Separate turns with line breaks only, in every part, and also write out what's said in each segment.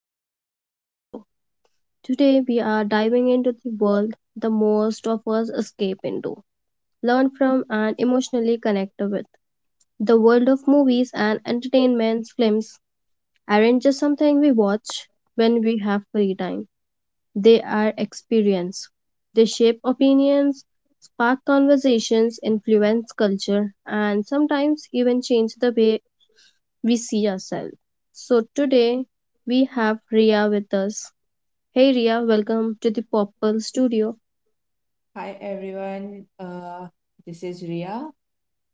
Popple Studio. Today we are diving into the world the most of us escape into, learn from and emotionally connect with. The world of movies and entertainment films aren't just something we watch when we have free time. They are experience. They shape opinions, spark conversations, influence culture, and sometimes even change the way we see ourselves. So today we have Ria with us. Hey Ria, welcome to the Popple Studio.
Hi everyone, this is Ria,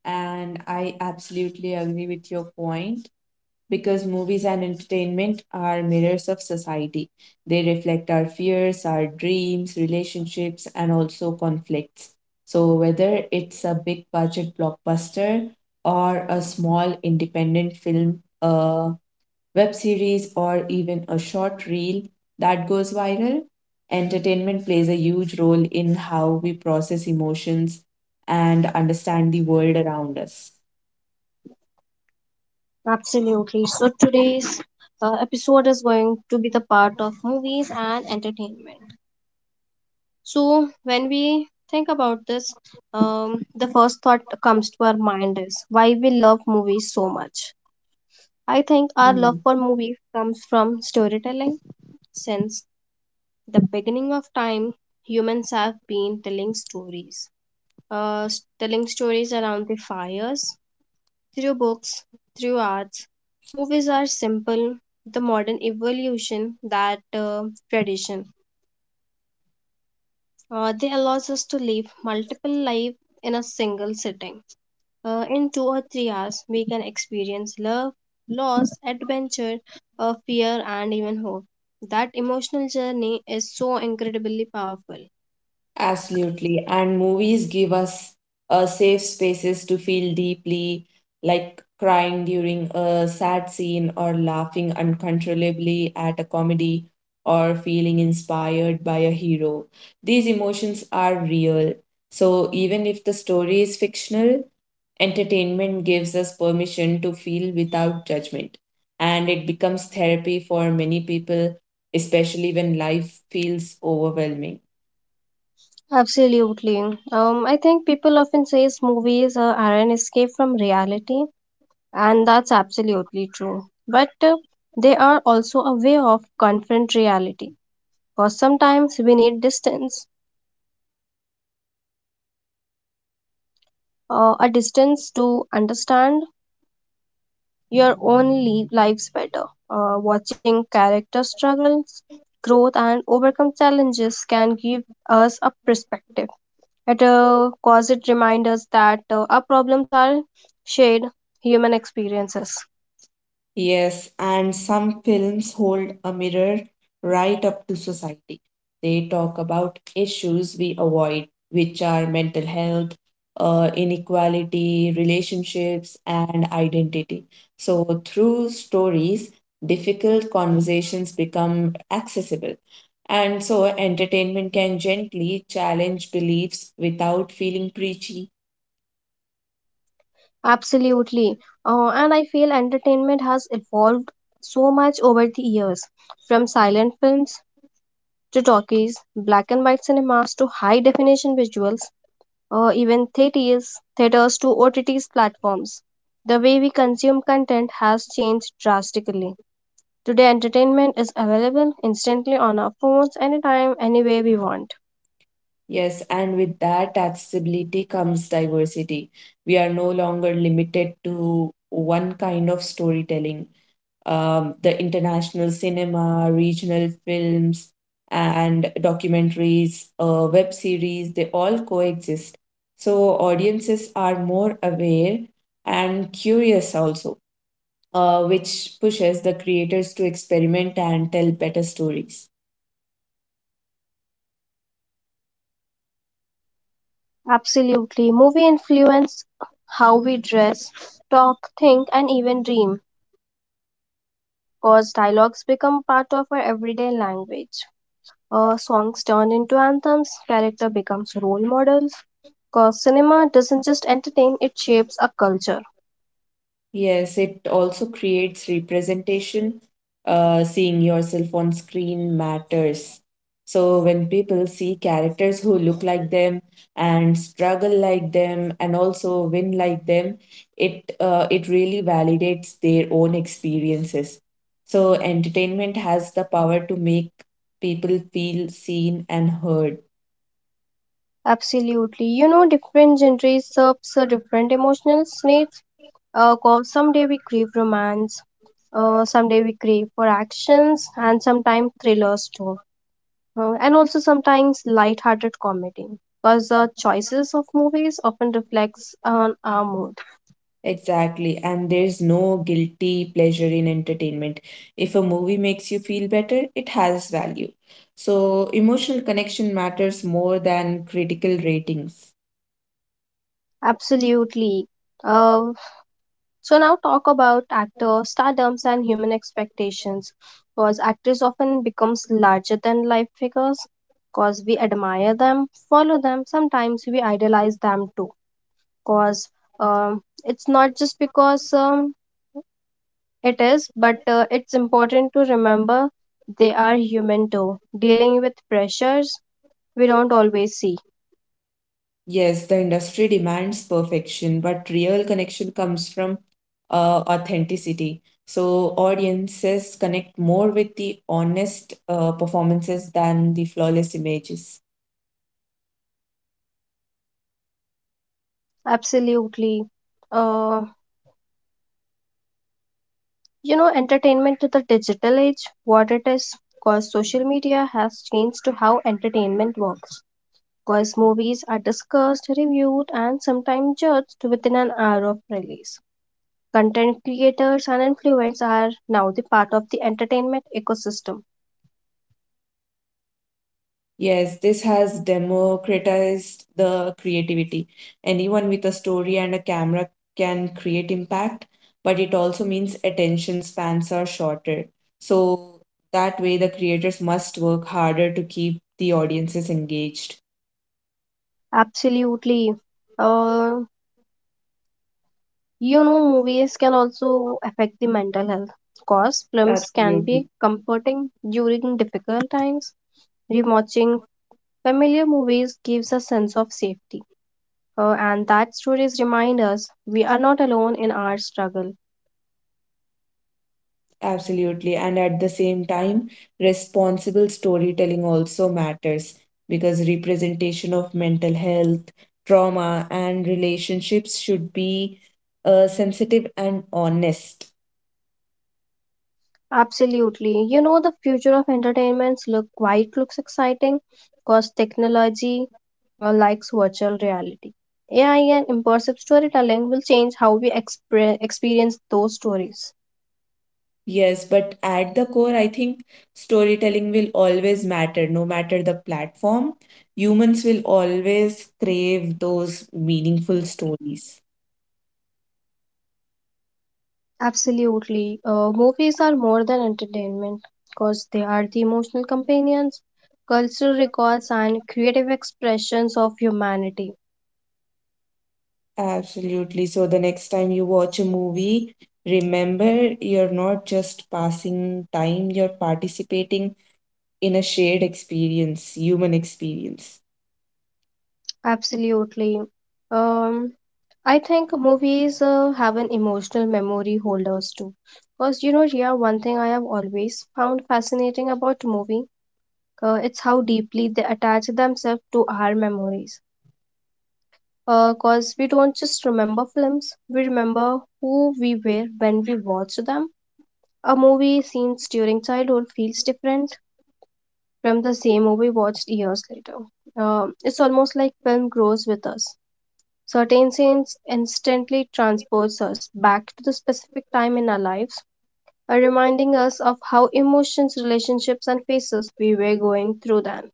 and I absolutely agree with your point because movies and entertainment are mirrors of society. They reflect our fears, our dreams, relationships, and also conflicts. So, whether it's a big budget blockbuster or a small independent film, web series, or even a short reel that goes viral. Entertainment plays a huge role in how we process emotions and understand the world around us.
Absolutely. So today's episode is going to be the part of movies and entertainment. So when we think about this, the first thought that comes to our mind is why we love movies so much. I think our love for movies comes from storytelling. Since the beginning of time, humans have been telling stories telling stories around the fires, through books, through arts. Movies are simple, the modern evolution that tradition. They allows us to live multiple lives in a single sitting. In 2 or 3 hours, we can experience love, loss, adventure, fear, and even hope. That emotional journey is so incredibly powerful.
Absolutely. And movies give us safe spaces to feel deeply, like crying during a sad scene or laughing uncontrollably at a comedy or feeling inspired by a hero. These emotions are real. So even if the story is fictional, entertainment gives us permission to feel without judgment. And it becomes therapy for many people, especially when life feels overwhelming.
Absolutely. I think people often says movies are an escape from reality, and that's absolutely true. But they are also a way of confront reality. Because sometimes we need distance, a distance to understand your own lives better. Watching character struggles, growth, and overcome challenges can give us a perspective. It a cause, it reminds us that our problems are shared human experiences.
Yes, and some films hold a mirror right up to society. They talk about issues we avoid, which are mental health, inequality, relationships, and identity. So, through stories, difficult conversations become accessible. And so, entertainment can gently challenge beliefs without feeling preachy.
Absolutely. And I feel entertainment has evolved so much over the years from silent films to talkies, black and white cinemas to high definition visuals, even theaters to OTT platforms. The way we consume content has changed drastically. Today, entertainment is available instantly on our phones anytime, anywhere we want.
Yes, and with that accessibility comes diversity. We are no longer limited to one kind of storytelling. The international cinema, regional films, and documentaries, web series, they all coexist. So audiences are more aware and curious also, which pushes the creators to experiment and tell better stories.
Absolutely. Movie influence how we dress, talk, think, and even dream, cause dialogues become part of our everyday language. Songs turn into anthems, character becomes role models, cause cinema doesn't just entertain, it shapes a culture.
Yes, it also creates representation. Seeing yourself on screen matters. So when people see characters who look like them and struggle like them and also win like them, it really validates their own experiences. So entertainment has the power to make people feel seen and heard.
Absolutely. You know, different genres serves different emotional needs, cause someday we crave romance, someday we crave for actions, and sometimes thrillers too. And also sometimes light-hearted comedy because the choices of movies often reflects on our mood.
Exactly, and there's no guilty pleasure in entertainment. If a movie makes you feel better, it has value. So, emotional connection matters more than critical ratings.
Absolutely. uh, so now talk about actor stardoms and human expectations because actors often becomes larger than life figures because we admire them follow them sometimes we idolize them too because it's not just because it is, but it's important to remember they are human too, dealing with pressures we don't always see.
Yes, the industry demands perfection, but real connection comes from authenticity. So, audiences connect more with the honest performances than the flawless images.
Absolutely. Uh, you know, entertainment to the digital age, what it is, because social media has changed to how entertainment works. Because movies are discussed, reviewed, and sometimes judged within an hour of release. Content creators and influencers are now the part of the entertainment ecosystem.
Yes, this has democratized the creativity. Anyone with a story and a camera can create impact, but it also means attention spans are shorter. So that way, the creators must work harder to keep the audiences engaged.
Absolutely. Uh, You know, movies can also affect the mental health. Cause films can
Absolutely.
be comforting during difficult times. Rewatching familiar movies gives a sense of safety. And that stories remind us we are not alone in our struggle.
Absolutely. And at the same time, responsible storytelling also matters because representation of mental health, trauma, and relationships should be sensitive and honest.
Absolutely. You know, the future of entertainments look quite looks exciting because technology likes virtual reality. AI and immersive storytelling will change how we experience those stories.
Yes, but at the core, I think storytelling will always matter, no matter the platform. Humans will always crave those meaningful stories.
Absolutely. Movies are more than entertainment because they are the emotional companions, cultural records, and creative expressions of humanity.
Absolutely. So the next time you watch a movie, remember you're not just passing time, you're participating in a shared experience, human experience.
Absolutely. Um, I think movies have an emotional memory holders too. Because, you know, yeah, one thing I have always found fascinating about movie, it's how deeply they attach themselves to our memories because we don't just remember films, we remember who we were when we watched them. A movie scenes during childhood feels different from the same movie watched years later. It's almost like film grows with us. Certain scenes instantly transports us back to the specific time in our lives, reminding us of how emotions, relationships, and phases we were going through then.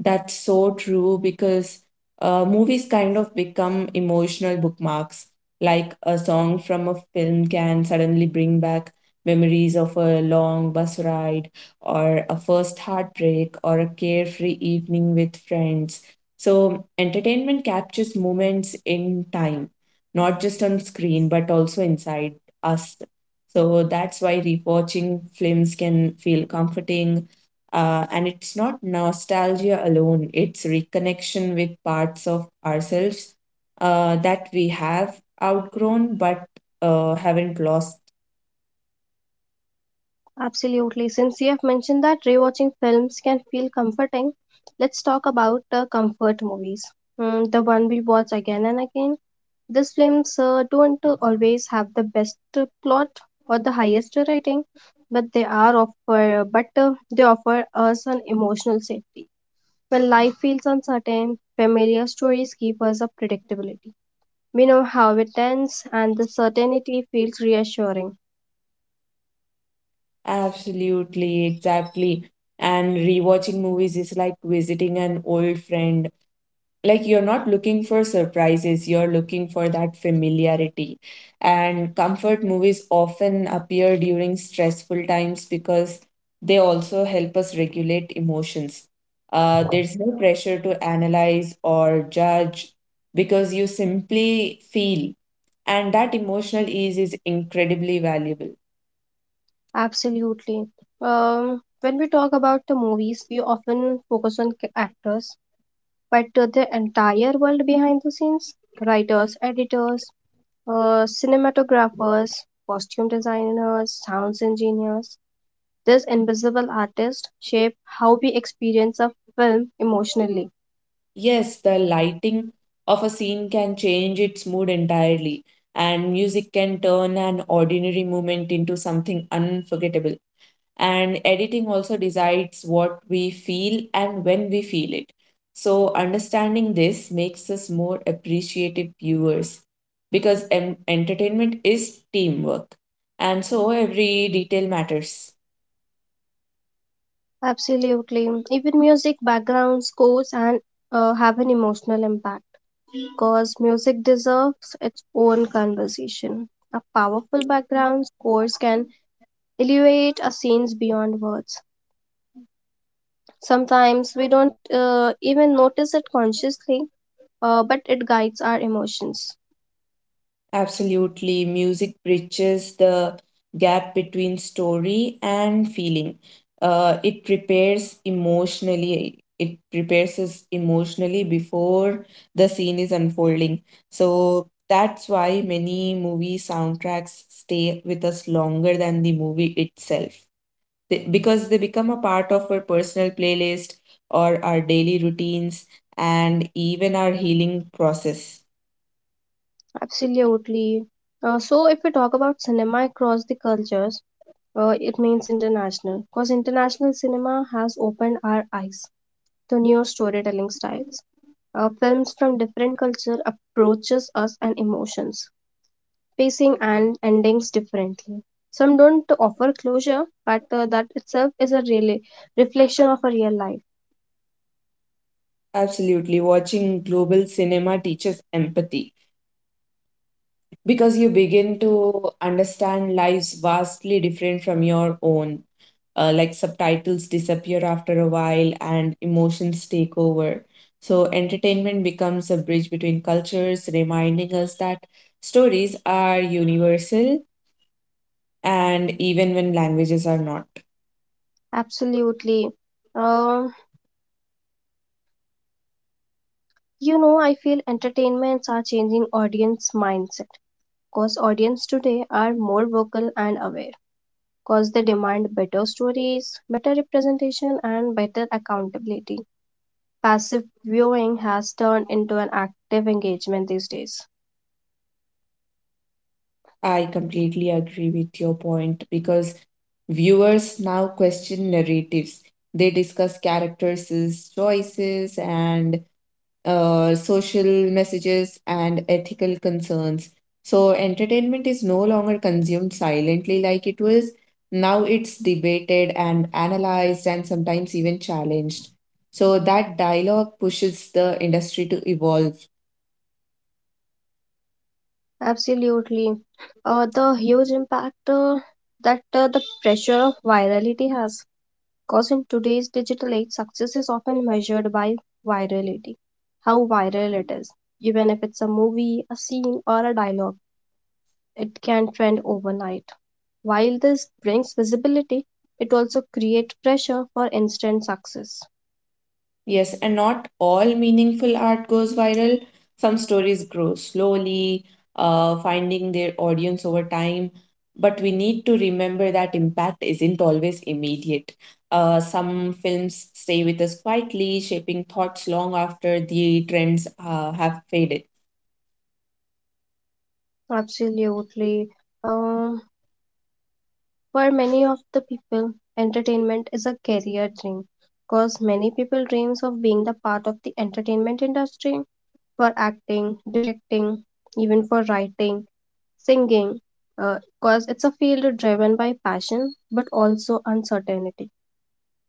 That's so true because movies kind of become emotional bookmarks. Like a song from a film can suddenly bring back memories of a long bus ride, or a first heartbreak, or a carefree evening with friends. So, entertainment captures moments in time, not just on screen, but also inside us. So, that's why rewatching films can feel comforting, and it's not nostalgia alone, it's reconnection with parts of ourselves that we have outgrown but haven't lost.
Absolutely. Since you have mentioned that rewatching films can feel comforting, let's talk about the comfort movies. The one we watch again and again. These films don't always have the best plot or the highest rating, but they offer us an emotional safety. When life feels uncertain, familiar stories give us a predictability. We know how it ends, and the certainty feels reassuring.
Absolutely, exactly. And rewatching movies is like visiting an old friend, like you're not looking for surprises, you're looking for that familiarity. And comfort movies often appear during stressful times because they also help us regulate emotions. There's no pressure to analyze or judge because you simply feel, and that emotional ease is incredibly valuable.
Absolutely. When we talk about the movies, we often focus on actors, but the entire world behind the scenes writers, editors, cinematographers, costume designers, sounds engineers these invisible artists shape how we experience a film emotionally.
Yes, the lighting of a scene can change its mood entirely, and music can turn an ordinary moment into something unforgettable. And editing also decides what we feel and when we feel it. So, understanding this makes us more appreciative viewers because entertainment is teamwork, and so every detail matters.
Absolutely. Even music, background scores, and have an emotional impact, because music deserves its own conversation. A powerful background scores can elevate a scene's beyond words. Sometimes we don't even notice it consciously, but it guides our emotions.
Absolutely. Music bridges the gap between story and feeling. It prepares us emotionally before the scene is unfolding. So that's why many movie soundtracks stay with us longer than the movie itself. Because they become a part of our personal playlist or our daily routines and even our healing process.
Absolutely. So, if we talk about cinema across the cultures, it means international, because international cinema has opened our eyes to new storytelling styles. Films from different culture approaches us and emotions pacing and endings differently. Some don't offer closure, but that itself is a really reflection of a real life.
Absolutely. Watching global cinema teaches empathy because you begin to understand lives vastly different from your own. Like subtitles disappear after a while and emotions take over. So, entertainment becomes a bridge between cultures, reminding us that stories are universal and even when languages are not.
Absolutely. Um, you know, I feel entertainments are changing audience mindset because audience today are more vocal and aware because they demand better stories, better representation, and better accountability. Passive viewing has turned into an active engagement these days.
I completely agree with your point because viewers now question narratives. They discuss characters' choices and social messages and ethical concerns. So, entertainment is no longer consumed silently like it was. Now it's debated and analyzed and sometimes even challenged. So, that dialogue pushes the industry to evolve.
Absolutely. The huge impact that the pressure of virality has. Because in today's digital age, success is often measured by virality, how viral it is. Even if it's a movie, a scene, or a dialogue, it can trend overnight. While this brings visibility, it also creates pressure for instant success.
Yes, and not all meaningful art goes viral. Some stories grow slowly, finding their audience over time. But we need to remember that impact isn't always immediate. Some films stay with us quietly, shaping thoughts long after the trends have faded.
Absolutely. Um, For many of the people, entertainment is a career dream because many people dreams of being the part of the entertainment industry for acting, directing, even for writing, singing because it's a field driven by passion but also uncertainty.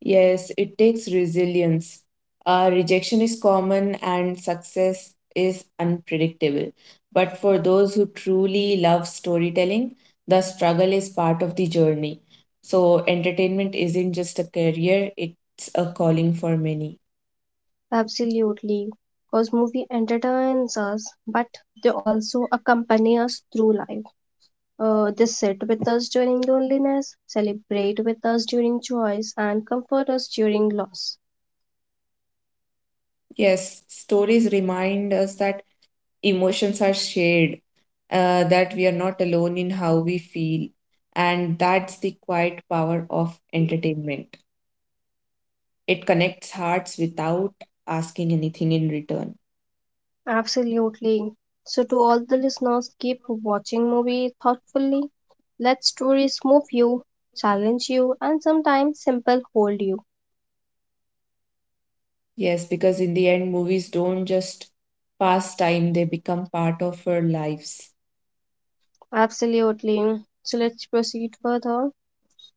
Yes, it takes resilience. Rejection is common and success is unpredictable. But for those who truly love storytelling, the struggle is part of the journey. So, entertainment isn't just a career, it's a calling for many.
Absolutely. Because movie entertains us, but they also accompany us through life. They sit with us during loneliness, celebrate with us during joys, and comfort us during loss.
Yes, stories remind us that emotions are shared, that we are not alone in how we feel. And that's the quiet power of entertainment. It connects hearts without asking anything in return.
Absolutely. So, to all the listeners, keep watching movie thoughtfully. Let stories move you, challenge you, and sometimes simple hold you.
Yes, because in the end, movies don't just pass time, they become part of our lives.
Absolutely. So, let's proceed further.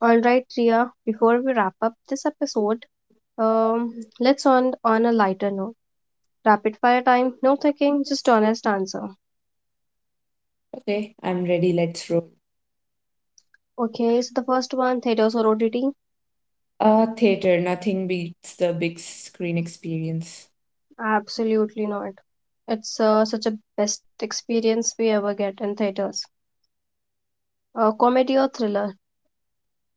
All right, Ria. Before we wrap up this episode, um, let's end on a lighter note. Rapid fire time. No thinking. Just honest answer.
Okay, I'm ready, let's roll.
Okay. So the first one, theater sorority.
Theater, nothing beats the big screen experience.
Absolutely not. It's such a best experience we ever get in theaters. Comedy or thriller?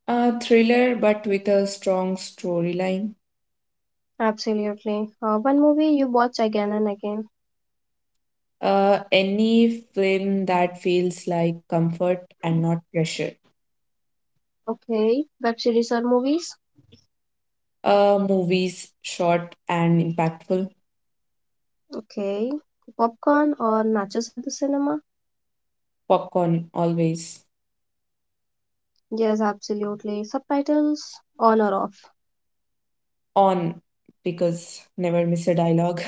A thriller, but with a strong storyline.
Absolutely. One movie you watch again and again.
Any film that feels like comfort and not pressure.
Okay. Web series or movies?
Movies, short and impactful.
Okay. Popcorn or nachos at the cinema?
Popcorn, always.
Yes, absolutely. Subtitles on or off?
On, because never miss a dialogue.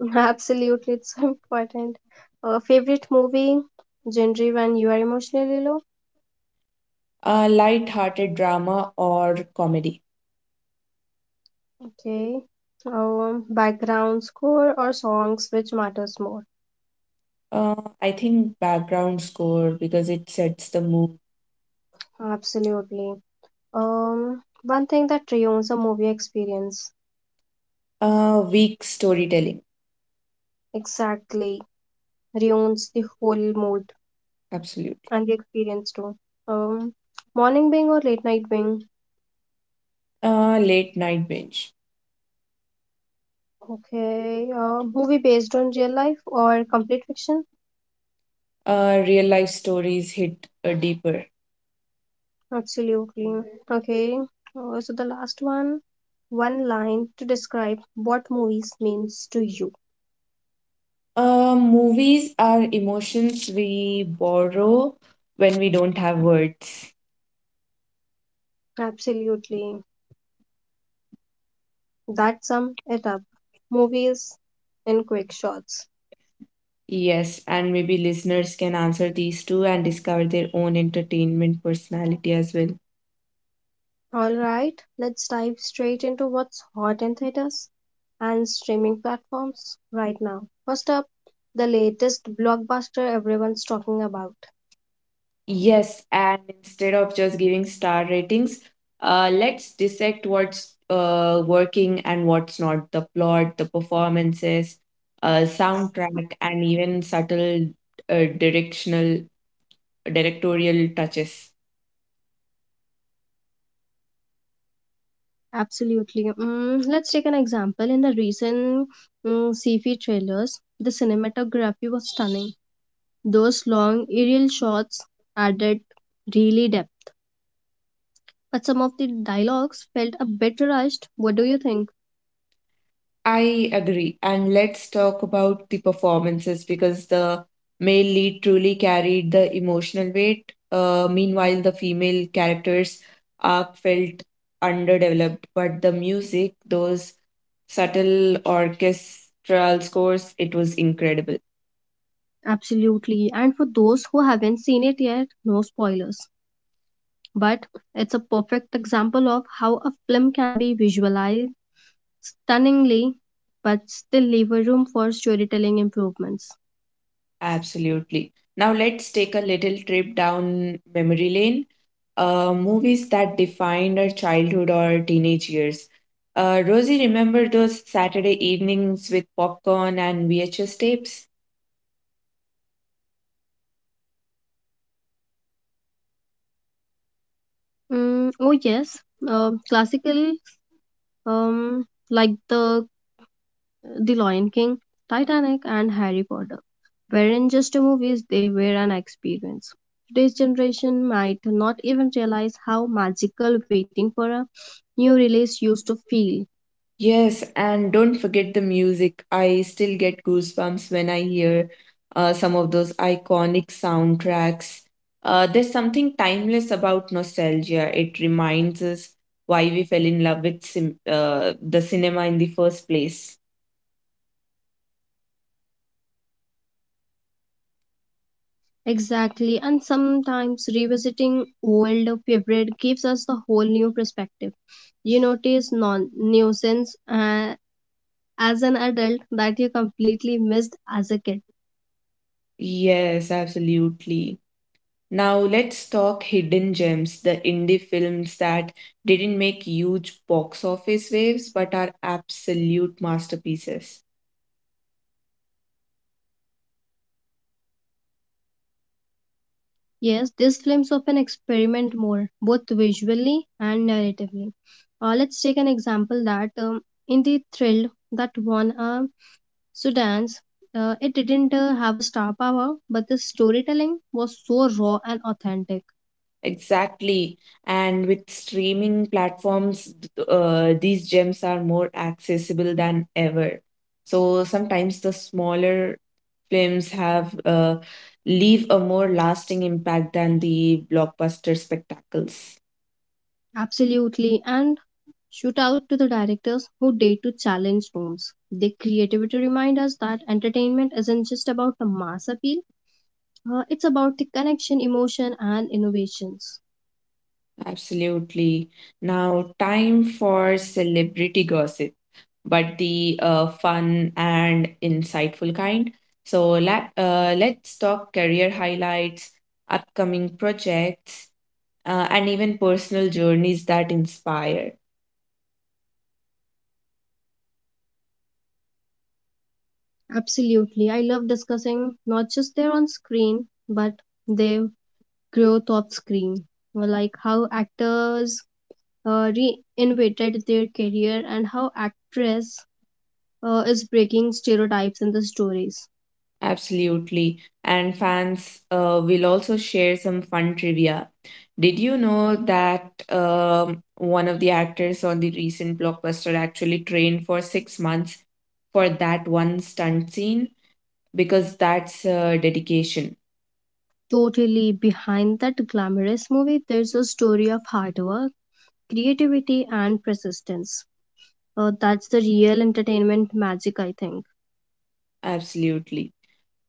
absolutely, it's so important. Favorite movie? Genre when you are emotionally low?
A light-hearted drama or comedy.
Okay. Background score or songs, which matters more?
Uh, i think background score because it sets the mood.
Absolutely. One thing that ruins a movie experience.
Uh, weak storytelling.
Exactly. Ruins the whole mood
Absolutely.
and the experience too. Um, Morning being or late night being?
Uh, late night binge.
Okay, movie based on real life or complete fiction?
Real life stories hit deeper.
Absolutely. Okay, so the last one, one line to describe what movies means to you.
Uh, movies are emotions we borrow when we don't have words.
Absolutely. That sum it up. Movies in quick shots.
Yes, and maybe listeners can answer these two and discover their own entertainment personality as well.
Alright, let's dive straight into what's hot in theaters and streaming platforms right now. First up, the latest blockbuster everyone's talking about.
Yes, and instead of just giving star ratings, let's dissect what's working and what's not. The plot, the performances, soundtrack, and even subtle directional directorial touches.
Absolutely. Let's take an example. In the recent sci-fi trailers, the cinematography was stunning. Those long aerial shots added really depth. But some of the dialogues felt a bit rushed. What do you think?
I agree. And let's talk about the performances because the male lead truly carried the emotional weight. Meanwhile, the female characters' arc felt underdeveloped, but the music, those subtle orchestral scores, it was incredible.
Absolutely. And for those who haven't seen it yet, no spoilers, but it's a perfect example of how a film can be visualized stunningly but still leave a room for storytelling improvements.
Absolutely. Now, let's take a little trip down memory lane. Movies that defined our childhood or teenage years. Rosie, remember those Saturday evenings with popcorn and VHS tapes?
Oh yes, classically like the Lion King, Titanic, and Harry Potter wherein just movies they were an experience. Today's generation might not even realize how magical waiting for a new release used to feel.
Yes, and don't forget the music. I still get goosebumps when I hear some of those iconic soundtracks. There's something timeless about nostalgia. It reminds us why we fell in love with the cinema in the first place.
Exactly, and sometimes revisiting old favorite gives us the whole new perspective. You notice non nuisance as an adult that you completely missed as a kid.
Yes, absolutely. Now let's talk hidden gems, the indie films that didn't make huge box office waves but are absolute masterpieces.
Yes, these films often experiment more, both visually and narratively. Let's take an example that in the thrill that won a Sudan's, it didn't have a star power, but the storytelling was so raw and authentic.
Exactly. And with streaming platforms, these gems are more accessible than ever. So sometimes the smaller films have leave a more lasting impact than the blockbuster spectacles.
Absolutely. And shout out to the directors who dare to challenge norms. Their creativity reminds us that entertainment isn't just about the mass appeal, it's about the connection, emotion, and innovations.
Absolutely. Now, time for celebrity gossip. But the fun and insightful kind. So let's talk career highlights, upcoming projects, and even personal journeys that inspire.
Absolutely. I love discussing not just their on screen, but their growth off screen. Like how actors uh, reinvented their career and how actress is breaking stereotypes in the stories.
Absolutely. And fans will also share some fun trivia. Did you know that one of the actors on the recent blockbuster actually trained for 6 months for that one stunt scene? Because that's dedication.
Totally behind that glamorous movie, there's a story of hard work, creativity, and persistence. That's the real entertainment magic, I think.
Absolutely.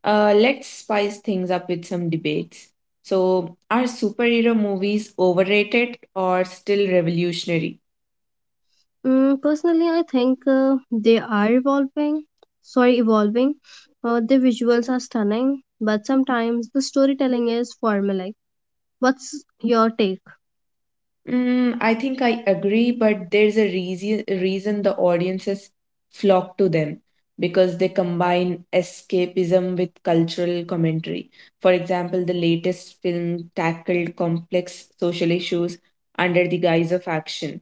Let's spice things up with some debates. So, are superhero movies overrated or still revolutionary?
Personally, I think they are evolving. Sorry, evolving. The visuals are stunning, but sometimes the storytelling is formulaic. What's your take?
Mm, I think I agree, but there's a reason the audiences flock to them because they combine escapism with cultural commentary. For example, the latest film tackled complex social issues under the guise of action.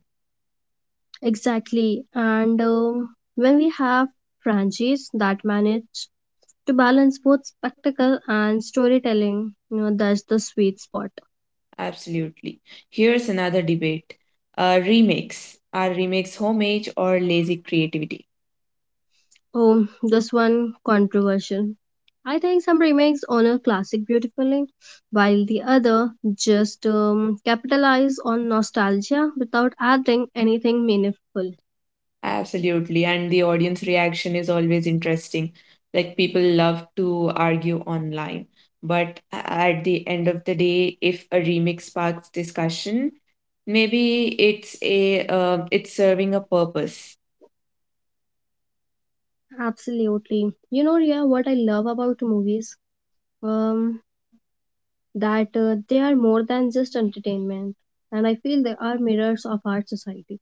Exactly. And when we have franchises that manage to balance both spectacle and storytelling. You know, that's the sweet spot.
Absolutely. Here's another debate. Remakes. Are remakes homage or lazy creativity?
Oh, this one controversial. I think some remakes honor classic beautifully, while the other just capitalize on nostalgia without adding anything meaningful.
Absolutely. And the audience reaction is always interesting. Like people love to argue online. But at the end of the day, if a remix sparks discussion, maybe it's serving a purpose.
Absolutely. You know, Ria, what I love about movies? Um, that they are more than just entertainment, and I feel they are mirrors of our society.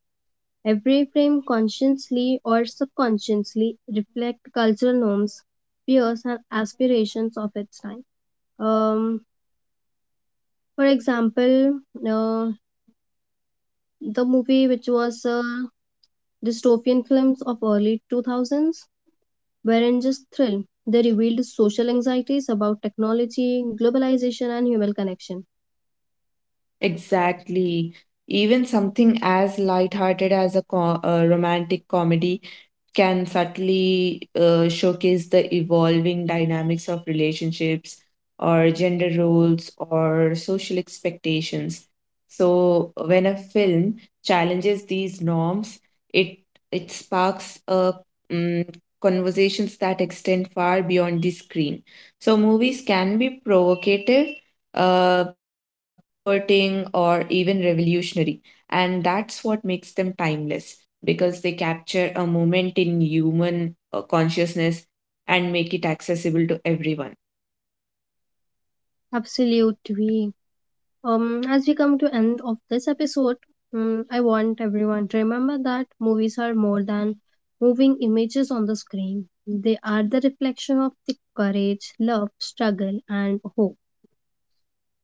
Every frame consciously or subconsciously reflect cultural norms, fears and aspirations of its time. Um, for example, uh, the movie which was dystopian films of early 2000s were wherein just thrill they revealed social anxieties about technology, globalization and human connection.
Exactly. Even something as lighthearted as a romantic comedy can subtly showcase the evolving dynamics of relationships or gender roles or social expectations. So when a film challenges these norms, it it sparks mm, conversations that extend far beyond the screen. So movies can be provocative, uh, comforting, or even revolutionary, and that's what makes them timeless because they capture a moment in human consciousness and make it accessible to everyone.
Absolutely. As we come to end of this episode, I want everyone to remember that movies are more than moving images on the screen. They are the reflection of the courage, love, struggle, and hope.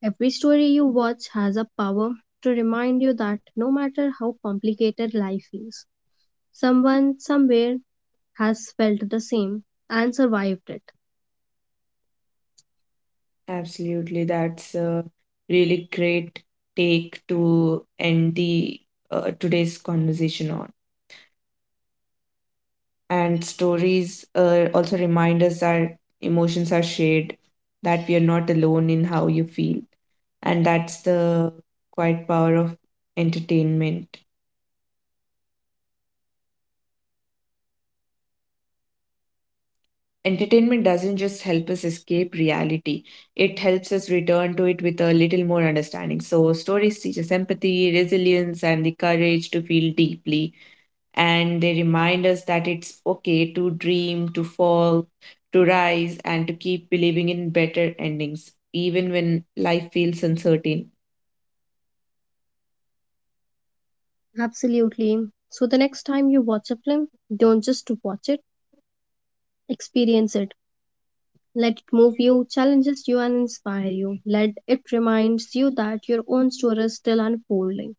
Every story you watch has a power to remind you that no matter how complicated life is, someone somewhere has felt the same and survived it.
Absolutely, that's a really great take to end the today's conversation on. And stories also remind us that emotions are shared, that we are not alone in how you feel. And that's the quiet power of entertainment. Entertainment doesn't just help us escape reality, it helps us return to it with a little more understanding. So, stories teach us empathy, resilience, and the courage to feel deeply, and they remind us that it's okay to dream, to fall, to rise, and to keep believing in better endings, even when life feels uncertain.
Absolutely. So the next time you watch a film, don't just watch it, experience it. Let it move you, challenges you, and inspire you. Let it reminds you that your own story is still unfolding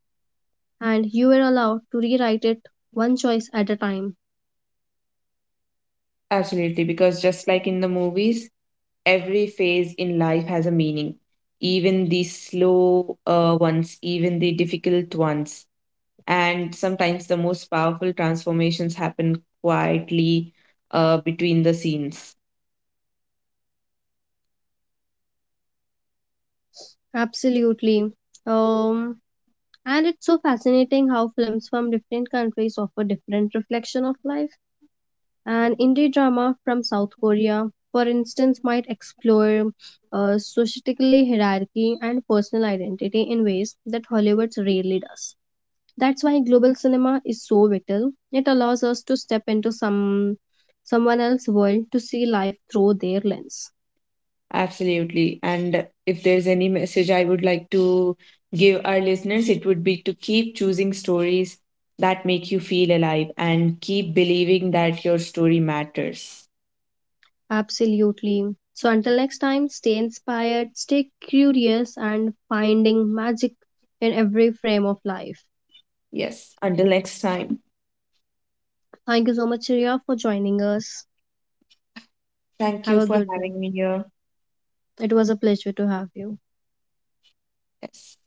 and you are allowed to rewrite it one choice at a time.
Absolutely, because just like in the movies, every phase in life has a meaning, even the slow ones, even the difficult ones. And sometimes the most powerful transformations happen quietly, between the scenes.
Absolutely. Um, and it's so fascinating how films from different countries offer different reflection of life. An indie drama from South Korea, for instance, might explore societal hierarchy and personal identity in ways that Hollywood rarely does. That's why global cinema is so vital. It allows us to step into someone else's world to see life through their lens.
Absolutely. And if there's any message I would like to give our listeners, it would be to keep choosing stories that make you feel alive and keep believing that your story matters.
Absolutely. So until next time, stay inspired, stay curious and finding magic in every frame of life.
Yes. Until next time.
Thank you so much, Ria, for joining us.
Thank you
Have a
for
good day.
having me here.
It was a pleasure to have you.
Yes.